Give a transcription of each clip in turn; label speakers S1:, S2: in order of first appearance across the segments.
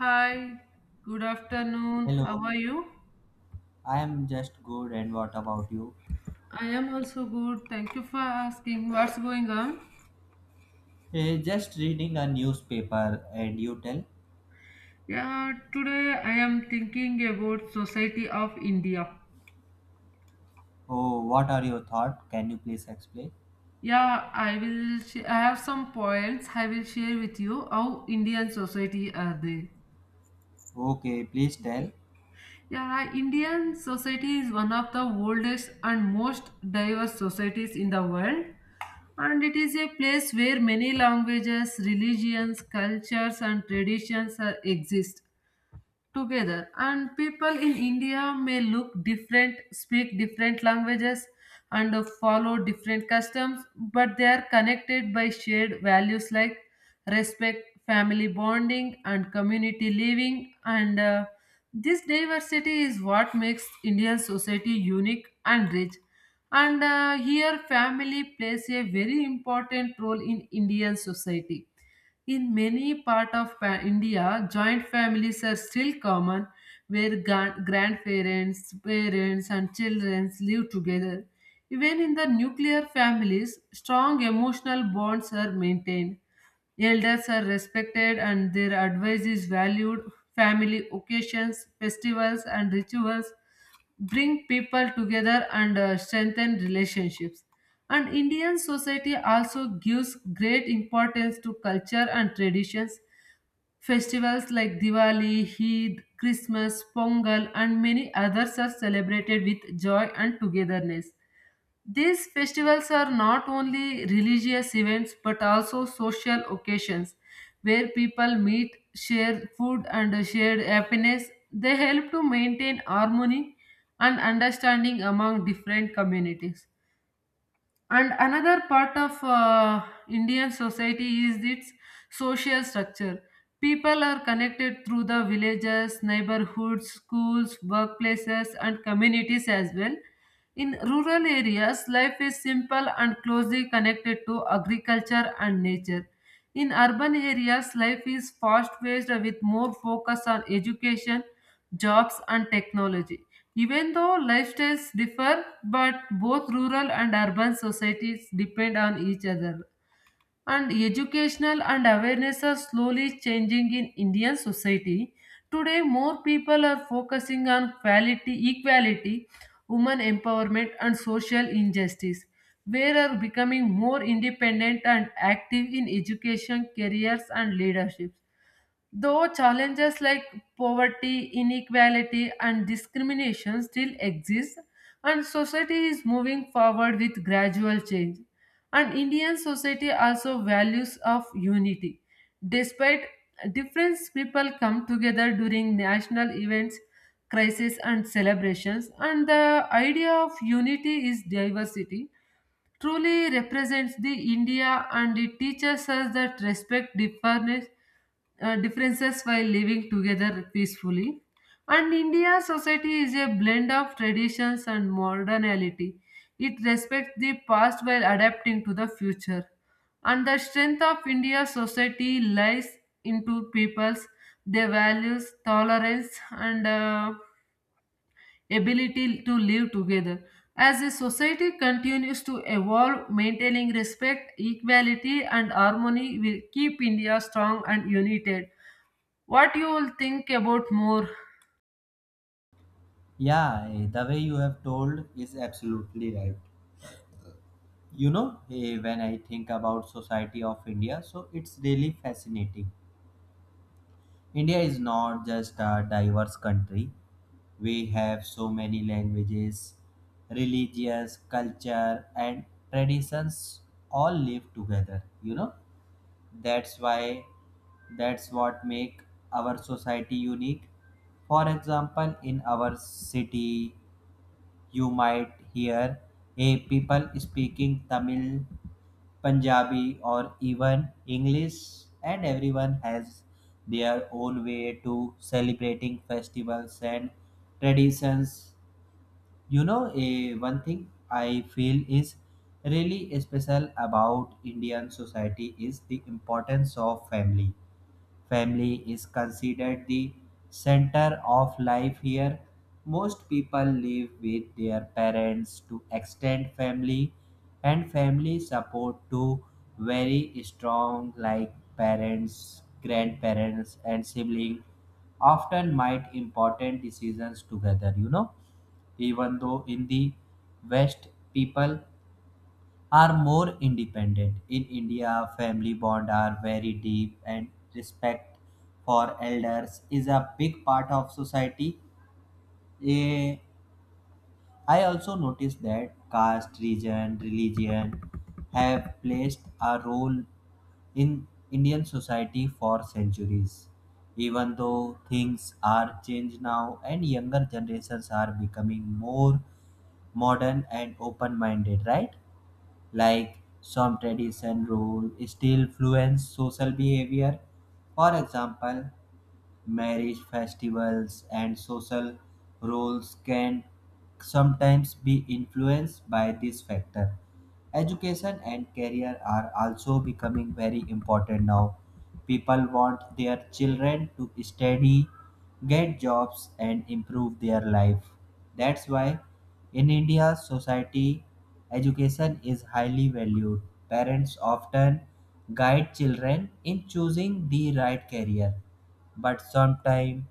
S1: Hi, good afternoon. How
S2: Hello,
S1: are you?
S2: I am just good and what about you?
S1: I am also good. Thank you for asking. What's going on?
S2: Just reading a newspaper and you tell.
S1: Yeah, today I am thinking about Society of India.
S2: Oh, what are your thoughts? Can you please explain?
S1: Yeah, I will. I have some points I will share with you. How Indian society are they?
S2: Okay, please tell.
S1: Yeah, Indian society is one of the oldest and most diverse societies in the world, and it is a place where many languages, religions, cultures, and traditions are, exist together, and people in India may look different, speak different languages, and follow different customs, but they are connected by shared values like respect, family bonding, and community living. And This diversity is what makes Indian society unique and rich. And here family plays a very important role in Indian society. In many parts of India, joint families are still common, where grandparents, parents, and children live together. Even in the nuclear families, strong emotional bonds are maintained. Elders are respected and their advice is valued. Family occasions, festivals, and rituals bring people together and strengthen relationships. And Indian society also gives great importance to culture and traditions. Festivals like Diwali, Eid, Christmas, Pongal, and many others are celebrated with joy and togetherness. These festivals are not only religious events but also social occasions where people meet, share food, and share happiness. They help to maintain harmony and understanding among different communities. And another part of Indian society is its social structure. People are connected through the villages, neighborhoods, schools, workplaces, and communities as well. In rural areas, life is simple and closely connected to agriculture and nature. In urban areas, life is fast paced, with more focus on education, jobs, and technology. Even though lifestyles differ, but both rural and urban societies depend on each other. And educational and awareness are slowly changing in Indian society. Today, more people are focusing on quality, equality, women empowerment, and social injustice. Where are becoming more independent and active in education, careers, and leadership. Though challenges like poverty, inequality, and discrimination still exist, and society is moving forward with gradual change. And Indian society also values of unity. Despite difference, people come together during national events, crises, and celebrations. And the idea of unity is diversity truly represents the India, and it teaches us that respect difference, differences while living together peacefully. And India's society is a blend of traditions and modernity. It respects the past while adapting to the future. And the strength of India's society lies into people's their values, tolerance, and ability to live together. As a society continues to evolve, maintaining respect, equality, and harmony will keep India strong and united. What you will think about more?
S2: Yeah, the way you have told is absolutely right. You know, when I think about society of India, so it's really fascinating. India is not just a diverse country. We have so many languages, religious, culture, and traditions all live together. You know, that's why that's what make our society unique. For example, in our city, you might hear a people speaking Tamil, Punjabi, or even English, and everyone has their own way to celebrating festivals and traditions. You know, a one thing I feel is really special about Indian society is the importance of family. Family is considered the center of life here. Most people live with their parents to extend family, and family support to very strong, like parents, grandparents, and siblings often might important decisions together. Even though in the west, people are more independent. In India, family bonds are very deep and respect for elders is a big part of society. Eh, I also noticed that caste, region, religion have placed a role in Indian society for centuries. Even though things are changed now and younger generations are becoming more modern and open minded, right? Like some tradition rule still influence social behavior. For example, marriage festivals, and social roles can sometimes be influenced by this factor. Education and career are also becoming very important now. People want their children to study, get jobs, and improve their life. That's why in India, society education is highly valued. Parents often guide children in choosing the right career but sometimes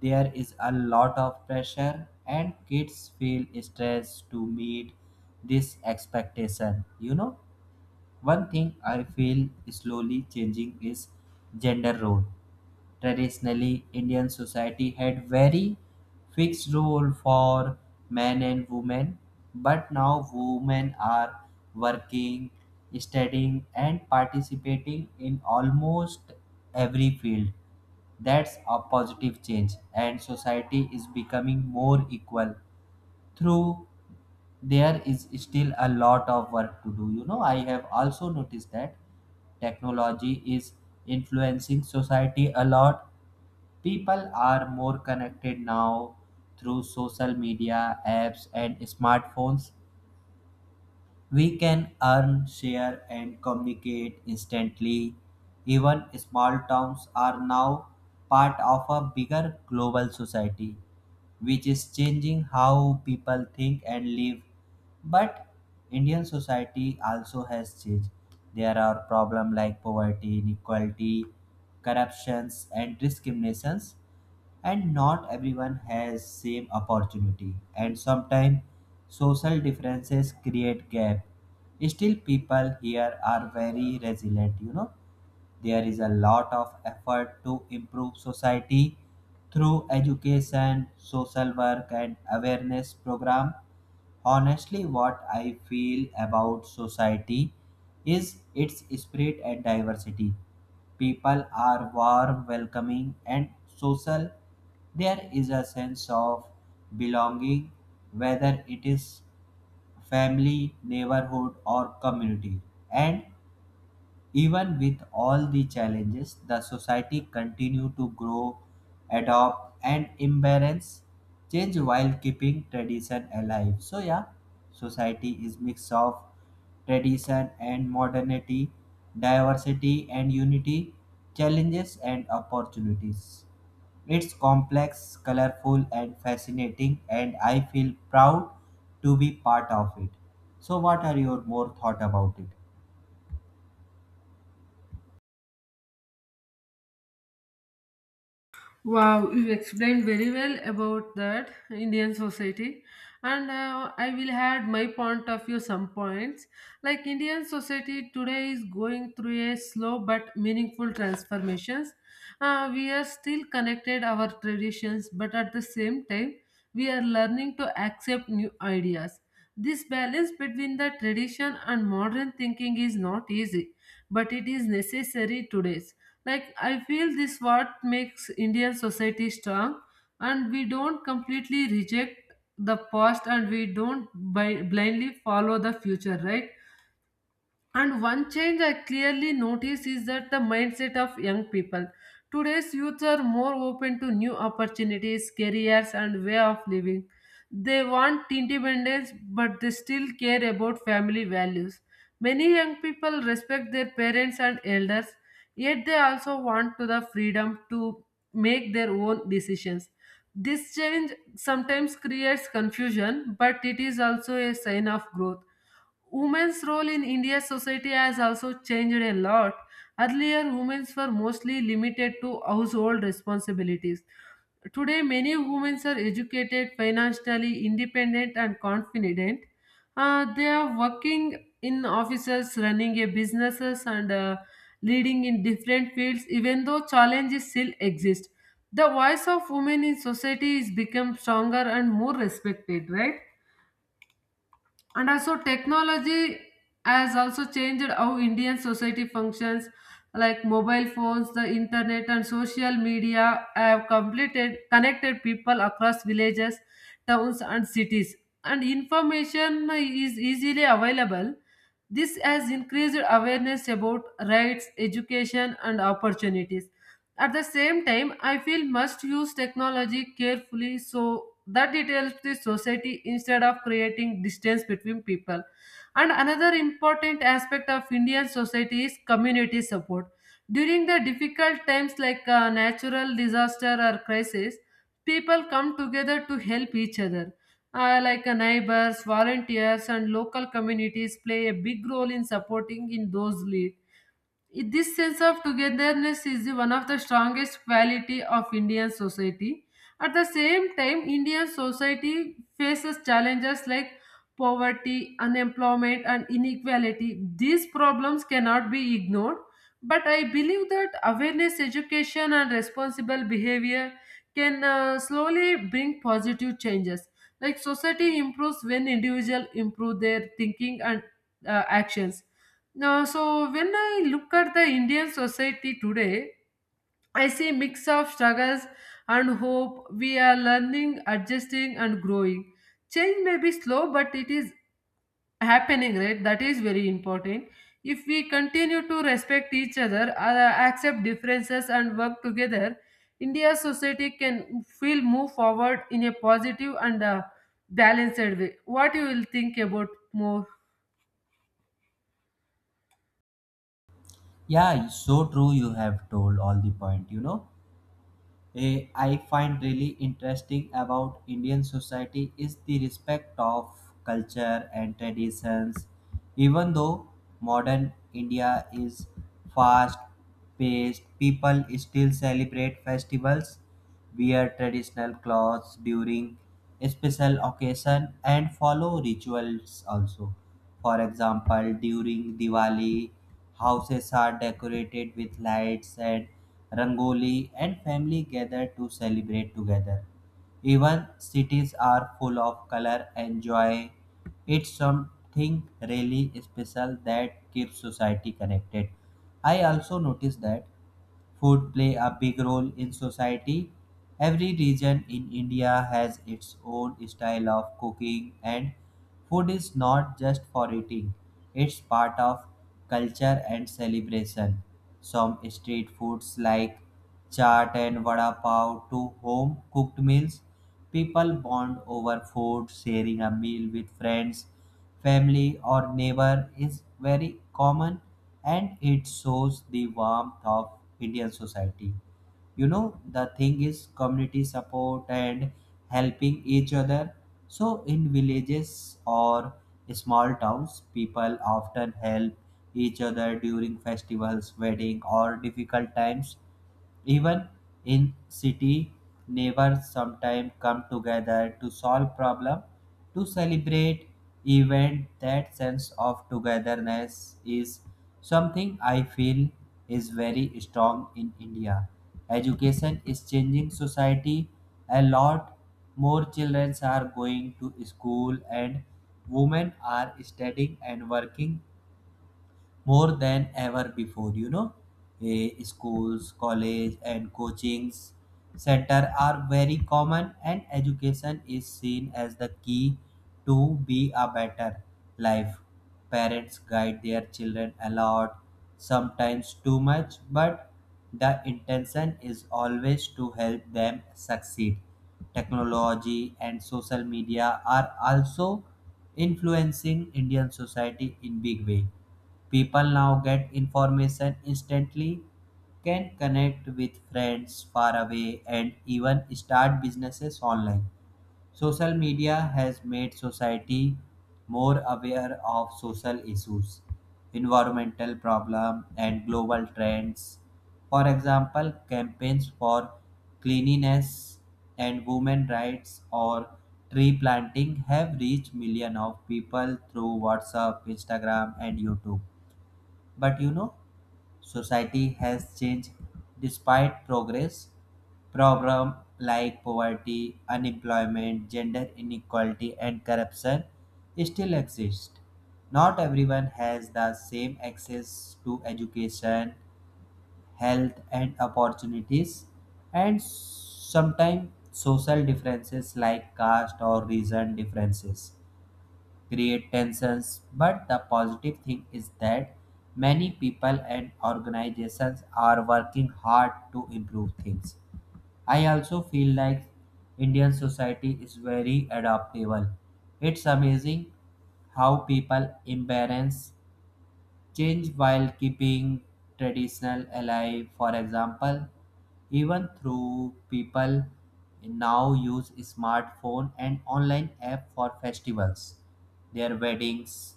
S2: there is a lot of pressure and kids feel stressed to meet this expectation. One thing I feel slowly changing is gender role. Traditionally, Indian society had very fixed role for men and women, but now women are working, studying, and participating in almost every field. That's a positive change, and society is becoming more equal. Through there is still a lot of work to do. You know, I have also noticed that technology is influencing society a lot. People are more connected now through social media, apps, and smartphones. We can earn, share, and communicate instantly. Even small towns are now part of a bigger global society, which is changing how people think and live. But Indian society also has changed. There are problems like poverty, inequality, corruptions, and discriminations and not everyone has same opportunity and sometimes social differences create gap. Still people here are very resilient. There is a lot of effort to improve society through education social work and awareness program. Honestly, what I feel about society is its spirit and diversity. People are warm, welcoming, and social. There is a sense of belonging, whether it is family, neighborhood, or community. And even with all the challenges, the society continued to grow, adopt, and embrace change while keeping tradition alive. So yeah, society is mix of tradition and modernity, diversity and unity, challenges and opportunities. It's complex, colorful, and fascinating, and I feel proud to be part of it. So, what are your more thought about it?
S1: Wow, you explained very well about that Indian society, and I will add my point of view some points. Like Indian society today is going through a slow but meaningful transformations. We are still connected our traditions, but at the same time, we are learning to accept new ideas. This balance between the tradition and modern thinking is not easy, but it is necessary today, like I feel this what makes Indian society strong, and we don't completely reject the past and we don't blindly follow the future, right? And one change I clearly notice is that the mindset of young people. Today's youth are more open to new opportunities, careers, and way of living. They want independence, but they still care about family values. Many young people respect their parents and elders, yet they also want to the freedom to make their own decisions. This change sometimes creates confusion, but it is also a sign of growth. Women's role in India's society has also changed a lot. Earlier, women were mostly limited to household responsibilities. Today, many women are educated, financially independent, and confident. They are working in offices, running a businesses, and leading in different fields. Even though challenges still exist, the voice of women in society is become stronger and more respected. Right? And also technology has also changed how Indian society functions, like mobile phones, the internet, and social media have completed connected people across villages, towns, and cities, and information is easily available. This has increased awareness about rights, education, and opportunities. At the same time, I feel must use technology carefully so that it helps the society instead of creating distance between people. And another important aspect of Indian society is community support. During the difficult times like a natural disaster or crisis, people come together to help each other. Neighbors, volunteers, and local communities play a big role in supporting in those lead. This sense of togetherness is one of the strongest quality of Indian society. At the same time, Indian society faces challenges like poverty, unemployment, and inequality. These problems cannot be ignored, but I believe that awareness, education, and responsible behavior can slowly bring positive changes. Like society improves when individuals improve their thinking and actions. Now, so when I look at the Indian society today, I see mix of struggles and hope. We are learning, adjusting, and growing. Change may be slow, but it is happening, right? That is very important. If we continue to respect each other, accept differences, and work together, India's society can feel move forward in a positive and balanced way. What you will think about more?
S2: Yeah, so true. You have told all the point. You know, I find really interesting about Indian society is the respect of culture and traditions. Even though modern India is fast paced, people still celebrate festivals, wear traditional clothes during special occasion and follow rituals also. For example, during Diwali, houses are decorated with lights and rangoli and family gather to celebrate together, even cities are full of color and joy. It's something really special that keeps society connected. I also noticed that food play a big role in society. Every region in India has its own style of cooking and food is not just for eating. It's part of culture and celebration. Some street foods like chaat and vada pav to home cooked meals. People bond over food, sharing a meal with friends, family, or neighbor is very common and it shows the warmth of Indian society. You know, the thing is community support and helping each other. So, in villages or small towns, people often help each other during festivals, wedding, or difficult times. Even in city, neighbors sometimes come together to solve problem, to celebrate event. That sense of togetherness is something I feel is very strong in India. Education is changing society a lot. More children are going to school and women are studying and working more than ever before. Schools college and coachings center are very common and education is seen as the key to be a better life. Parents guide their children a lot, sometimes too much but the intention is always to help them succeed. Technology and social media are also influencing Indian society in big way. People now get information instantly, can connect with friends far away, and even start businesses online. Social media has made society more aware of social issues, environmental problems, and global trends. For example, campaigns for cleanliness and women rights or tree planting have reached millions of people through WhatsApp, Instagram, and YouTube. But you know, society has changed despite progress. Problems like poverty, unemployment, gender inequality, and corruption still exist. Not everyone has the same access to education, health, and opportunities, and sometimes social differences like caste or region differences create tensions. But the positive thing is that many people and organizations are working hard to improve things. I also feel like Indian society is very adaptable. It's amazing how people embrace change while keeping traditional alive. For example, even through people now use smartphone and online app for festivals, their weddings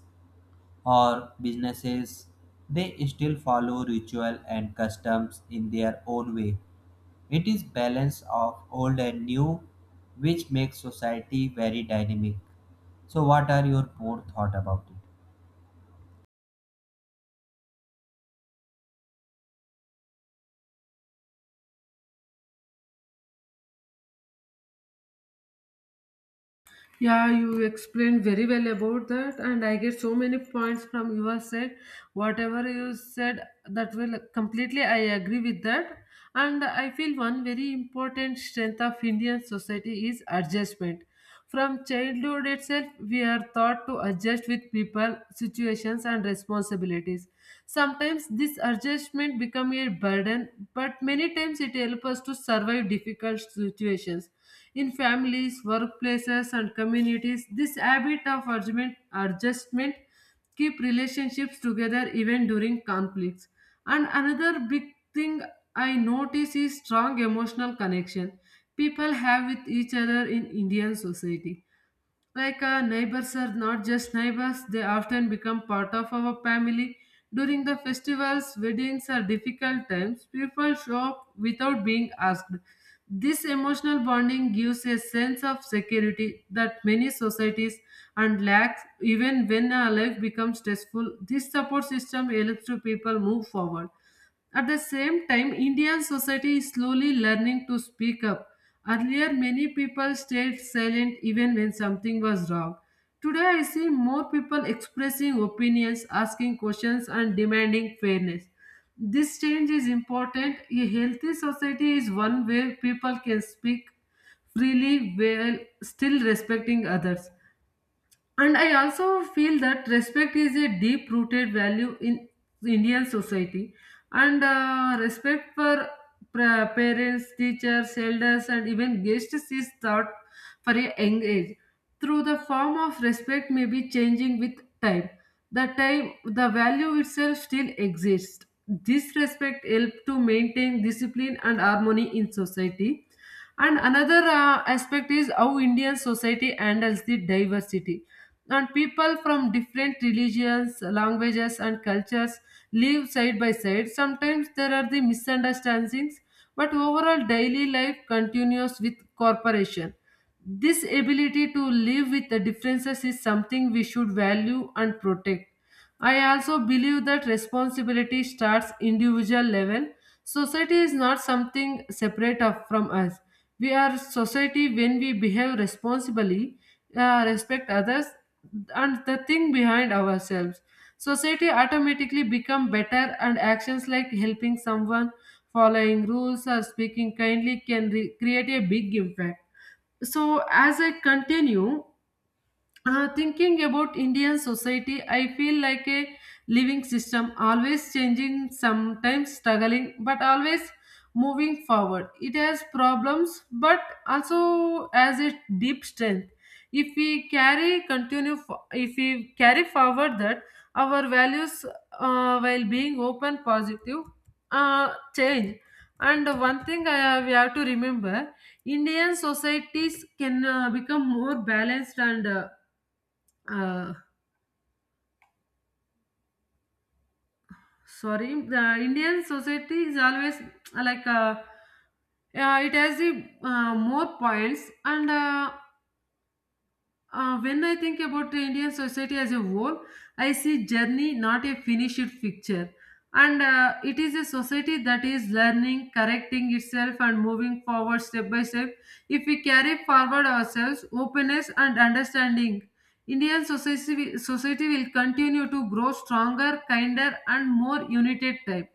S2: or businesses. They still follow ritual and customs in their own way. It is balance of old and new which makes society very dynamic. So what are your more thought about it?
S1: Yeah, you explained very well about that, and I get so many points from your side. Whatever you said, that will completely I agree with that. And I feel one very important strength of Indian society is adjustment. From childhood itself, we are taught to adjust with people, situations, and responsibilities. Sometimes this adjustment become a burden, but many times it helps us to survive difficult situations. In families, workplaces, and communities, this habit of adjustment keep relationships together even during conflicts. And another big thing I notice is strong emotional connection people have with each other in Indian society, like neighbors are not just neighbors, they often become part of our family. During the festivals, weddings, or difficult times, people show up without being asked. This emotional bonding gives a sense of security that many societies and lacks. Even when our life becomes stressful, this support system helps to people move forward. At the same time, Indian society is slowly learning to speak up. Earlier, many people stayed silent even when something was wrong. Today, I see more people expressing opinions, asking questions, and demanding fairness. This change is important. A healthy society is one where people can speak freely while still respecting others. And I also feel that respect is a deep rooted value in Indian society. And respect for parents, teachers, elders, and even guests is taught for a young age. Through the form of respect may be changing with time. The time, the value itself still exists. This respect helps to maintain discipline and harmony in society. And another aspect is how Indian society handles the diversity, and people from different religions, languages, and cultures live side by side. Sometimes there are the misunderstandings, but overall daily life continues with corporation. This ability to live with the differences is something we should value and protect. I also believe that responsibility starts individual level. Society is not something separate of, from us. We are society. When we behave responsibly, respect others, and the thing behind ourselves, society automatically become better. And actions like helping someone, following rules, or speaking kindly can create a big impact. So as I continue thinking about Indian society, I feel like a living system, always changing, sometimes struggling, but always moving forward. It has problems, but also has a deep strength. If we if we carry forward that our values, while being open, positive, change. And one thing I, we have to remember, Indian societies can become more balanced and uh, sorry, the Indian society is always it has the more points and when I think about the Indian society as a whole, I see journey not a finished picture, and it is a society that is learning, correcting itself, and moving forward step by step. If we carry forward ourselves, openness and understanding, Indian society will continue to grow stronger, kinder, and more united type.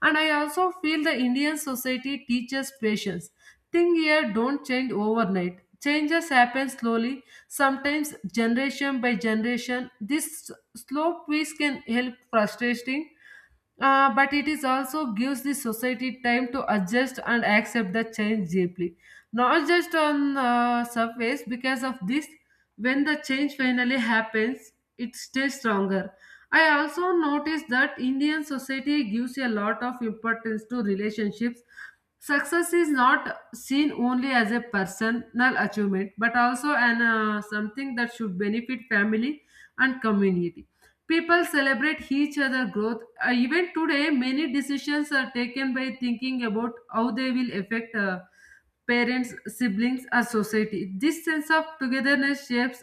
S1: And I also feel the Indian society teaches patience. Thing here don't change overnight. Changes happen slowly. Sometimes, generation by generation, this slow pace can help frustrating, but it is also gives the society time to adjust and accept the change deeply, not just on surface. Because of this, when the change finally happens, it stays stronger. I also noticed that Indian society gives a lot of importance to relationships. Success is not seen only as a personal achievement, but also an something that should benefit family and community. People celebrate each other's growth. Even today, many decisions are taken by thinking about how they will affect parents, siblings, or society. This sense of togetherness shapes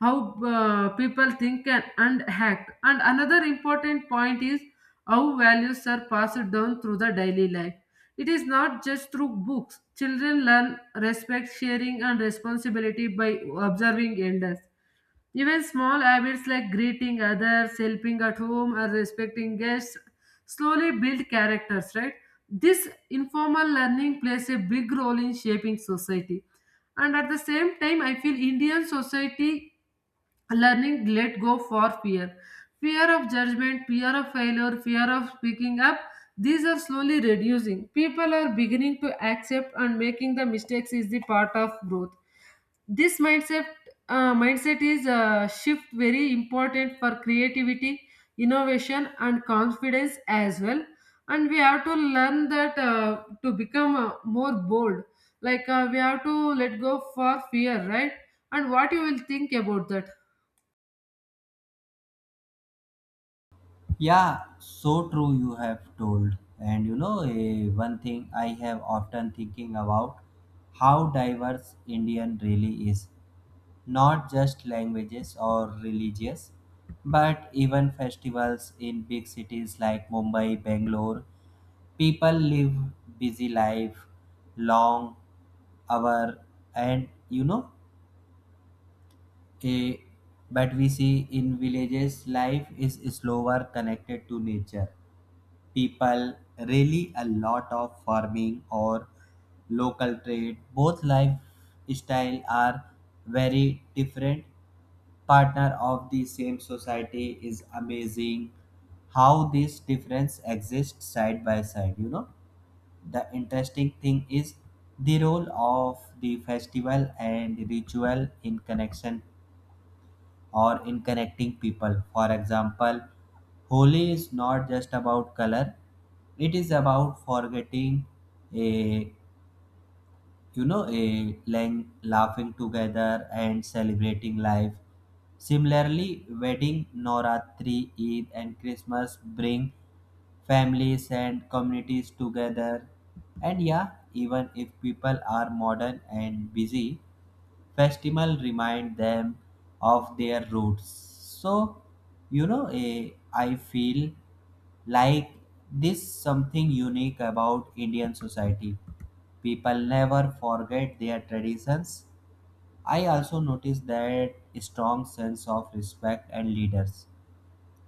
S1: how people think and act. And another important point is how values are passed down through the daily life. It is not just through books. Children learn respect, sharing, and responsibility by observing elders. Even small habits like greeting others, helping at home, or respecting guests slowly build characters, right? This informal learning plays a big role in shaping society. And at the same time, I feel Indian society learning let go for fear. Fear of judgment, fear of failure, fear of speaking up, these are slowly reducing. People are beginning to accept and making the mistakes is the part of growth this mindset mindset is a shift very important for creativity innovation and confidence as well. And we have to learn that to become more bold, like we have to let go for fear, right? And what you will think about that?
S2: Yeah, so true you have told. And you know, one thing I have often thinking about how diverse Indian really is. Not just languages or religious, but even festivals in big cities like Mumbai, Bangalore. People live busy life, long hour, and you know, eh, but we see in villages life is slower connected to nature. People really a lot of farming or local trade. Both lifestyle are very different. Partner of the same society is amazing how this difference exists side by side, you know. The interesting thing is the role of the festival and ritual in connection or in connecting people. For example, Holi is not just about color, it is about forgetting a you know, a laughing together and celebrating life. Similarly, wedding, Noratri, Eid, and Christmas bring families and communities together. And yeah, even if people are modern and busy, festival remind them of their roots. So, you know, I feel like this something unique about Indian society. People never forget their traditions. I also noticed that strong sense of respect and leaders.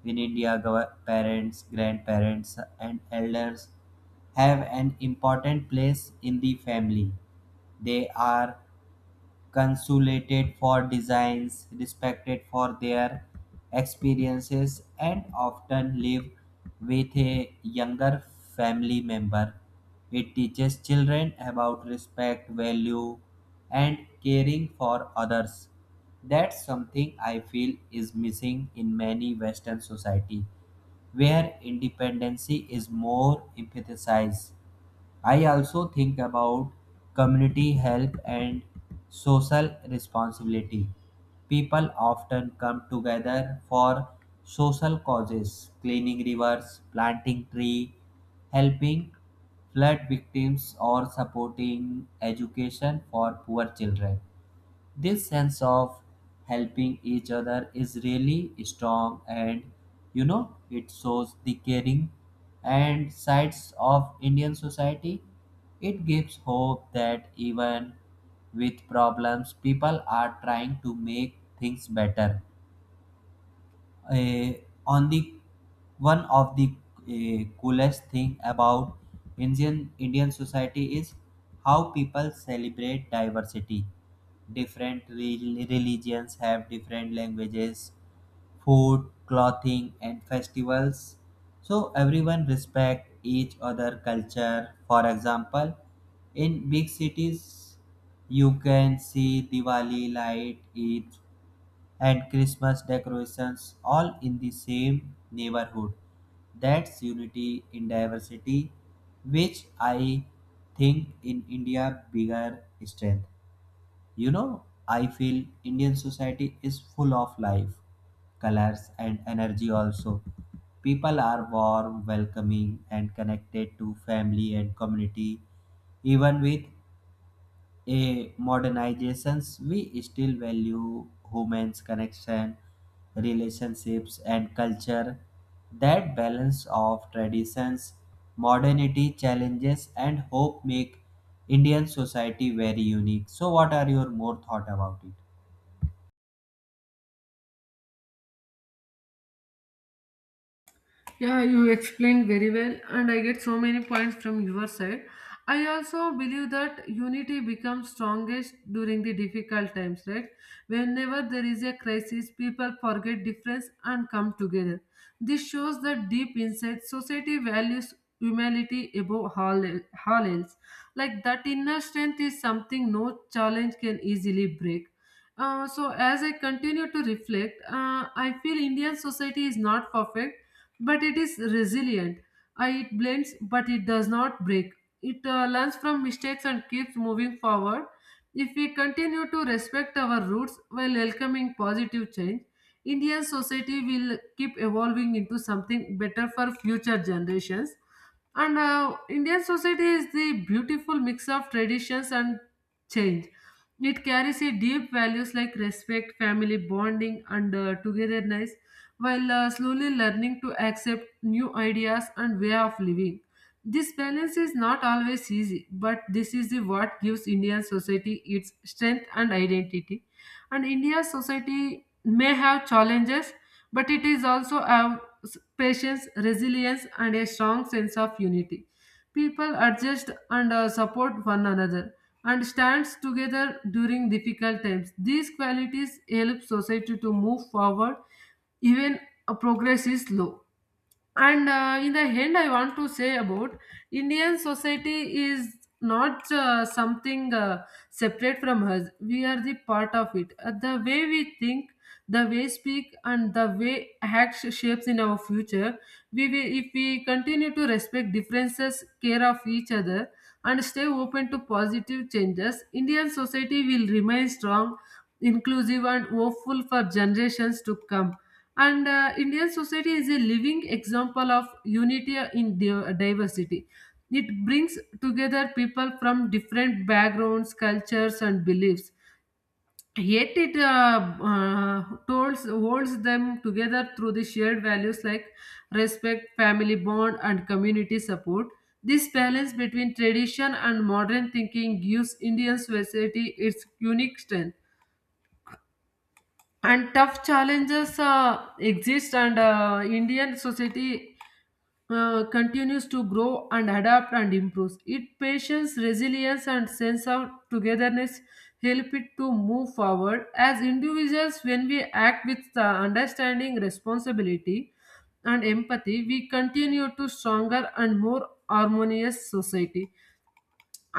S2: In India, parents, grandparents, and elders have an important place in the family. They are consulated for designs, respected for their experiences, and often live with a younger family member. It teaches children about respect, value, and caring for others. That's something I feel is missing in many Western society, where independency is more emphasized. I also think about community help and social responsibility. People often come together for social causes, cleaning rivers, planting trees, helping flood victims, or supporting education for poor children. This sense of helping each other is really strong and you know it shows the caring and sides of Indian society. It gives hope that even with problems people are trying to make things better. uh, on the one of the coolest thing about Indian society is how people celebrate diversity. Different religions have different languages, food, clothing, and festivals. So everyone respect each other culture. For example, in big cities, you can see Diwali light, Eid and Christmas decorations all in the same neighborhood. That's unity in diversity, which I think in India bigger strength. You know, I feel Indian society is full of life, colors and energy also. People are warm, welcoming and connected to family and community even with a modernizations we still value humans connection relationships and culture. That balance of traditions modernity challenges and hope make Indian society very unique. So what are your more thought about it?
S1: Yeah, you explained very well, and I get so many points from your side. I also believe that unity becomes strongest during the difficult times, right? Whenever there is a crisis, people forget difference and come together. This shows that deep inside society values humility above all else. Like that inner strength is something no challenge can easily break. So as I continue to reflect, I feel Indian society is not perfect but it is resilient. It blends, but it does not break. It learns from mistakes and keeps moving forward. If we continue to respect our roots while welcoming positive change, Indian society will keep evolving into something better for future generations. And Indian society is the beautiful mix of traditions and change. It carries a deep values like respect, family bonding, and togetherness, while slowly learning to accept new ideas and way of living. This balance is not always easy, but this is the what gives Indian society its strength and identity. And India's society may have challenges, but it is also have patience, resilience, and a strong sense of unity. People adjust and support one another and stands together during difficult times. These qualities help society to move forward even progress is slow. And In the end, I want to say about Indian society is not something separate from us. We are the part of it. The way we think, the way speak, and the way act shapes in our future. We will, if we continue to respect differences, care of each other, and stay open to positive changes, Indian society will remain strong, inclusive, and hopeful for generations to come. And Indian society is a living example of unity in diversity. It brings together people from different backgrounds, cultures and beliefs, yet it uh, holds them together through the shared values like respect, family bond and community support. This balance between tradition and modern thinking gives Indian society its unique strength. And tough challenges exist, and Indian society continues to grow and adapt and improves it patience, resilience and sense of togetherness help it to move forward. As individuals, when we act with understanding, responsibility and empathy, we continue to stronger and more harmonious society.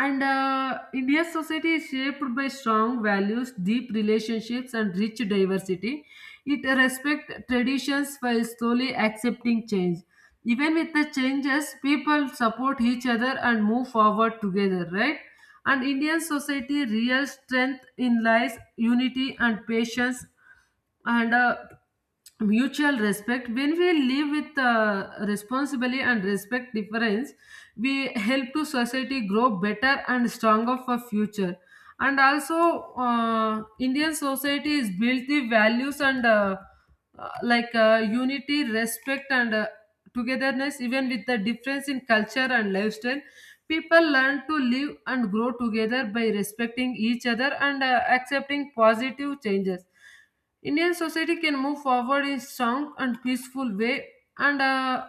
S1: And India's society is shaped by strong values, deep relationships, and rich diversity. It respects traditions while slowly accepting change. Even with the changes, people support each other and move forward together, right? And Indian society real strength in lies, unity, and patience and mutual respect. When we live with responsibility and respect difference, we help to society grow better and stronger for future. And also Indian society is built the values and like unity, respect and togetherness. Even with the difference in culture and lifestyle, people learn to live and grow together by respecting each other, and accepting positive changes. Indian society can move forward in strong and peaceful way, and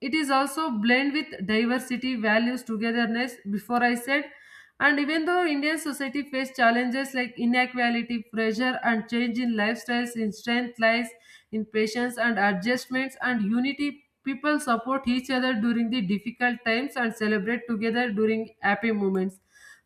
S1: it is also blend with diversity, values, togetherness. Before I said, and even though Indian society face challenges like inequality, pressure, and change in lifestyles, in strength lies in patience and adjustments and unity. People support each other during the difficult times and celebrate together during happy moments.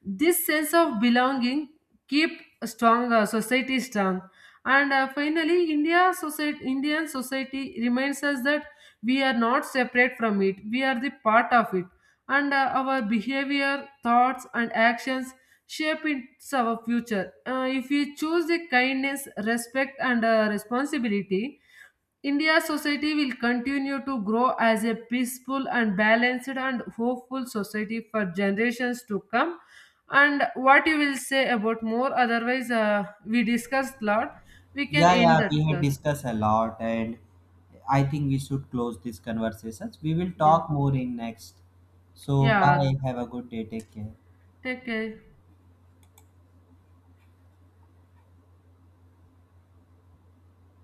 S1: This sense of belonging keep strong society strong. And Finally, Indian society reminds us that we are not separate from it, we are the part of it, and our behavior, thoughts and actions shape its our future. If we choose the kindness, respect and responsibility, India's society will continue to grow as a peaceful and balanced and hopeful society for generations to come. And what you will say about more? Otherwise, we discussed lot. We can
S2: yeah
S1: end
S2: yeah
S1: that
S2: we had
S1: class.
S2: discussed a lot and I think we should close these conversations. We will
S1: Yeah.
S2: talk more in next. So
S1: Yeah.
S2: bye, have a good day, take care.
S1: Take care.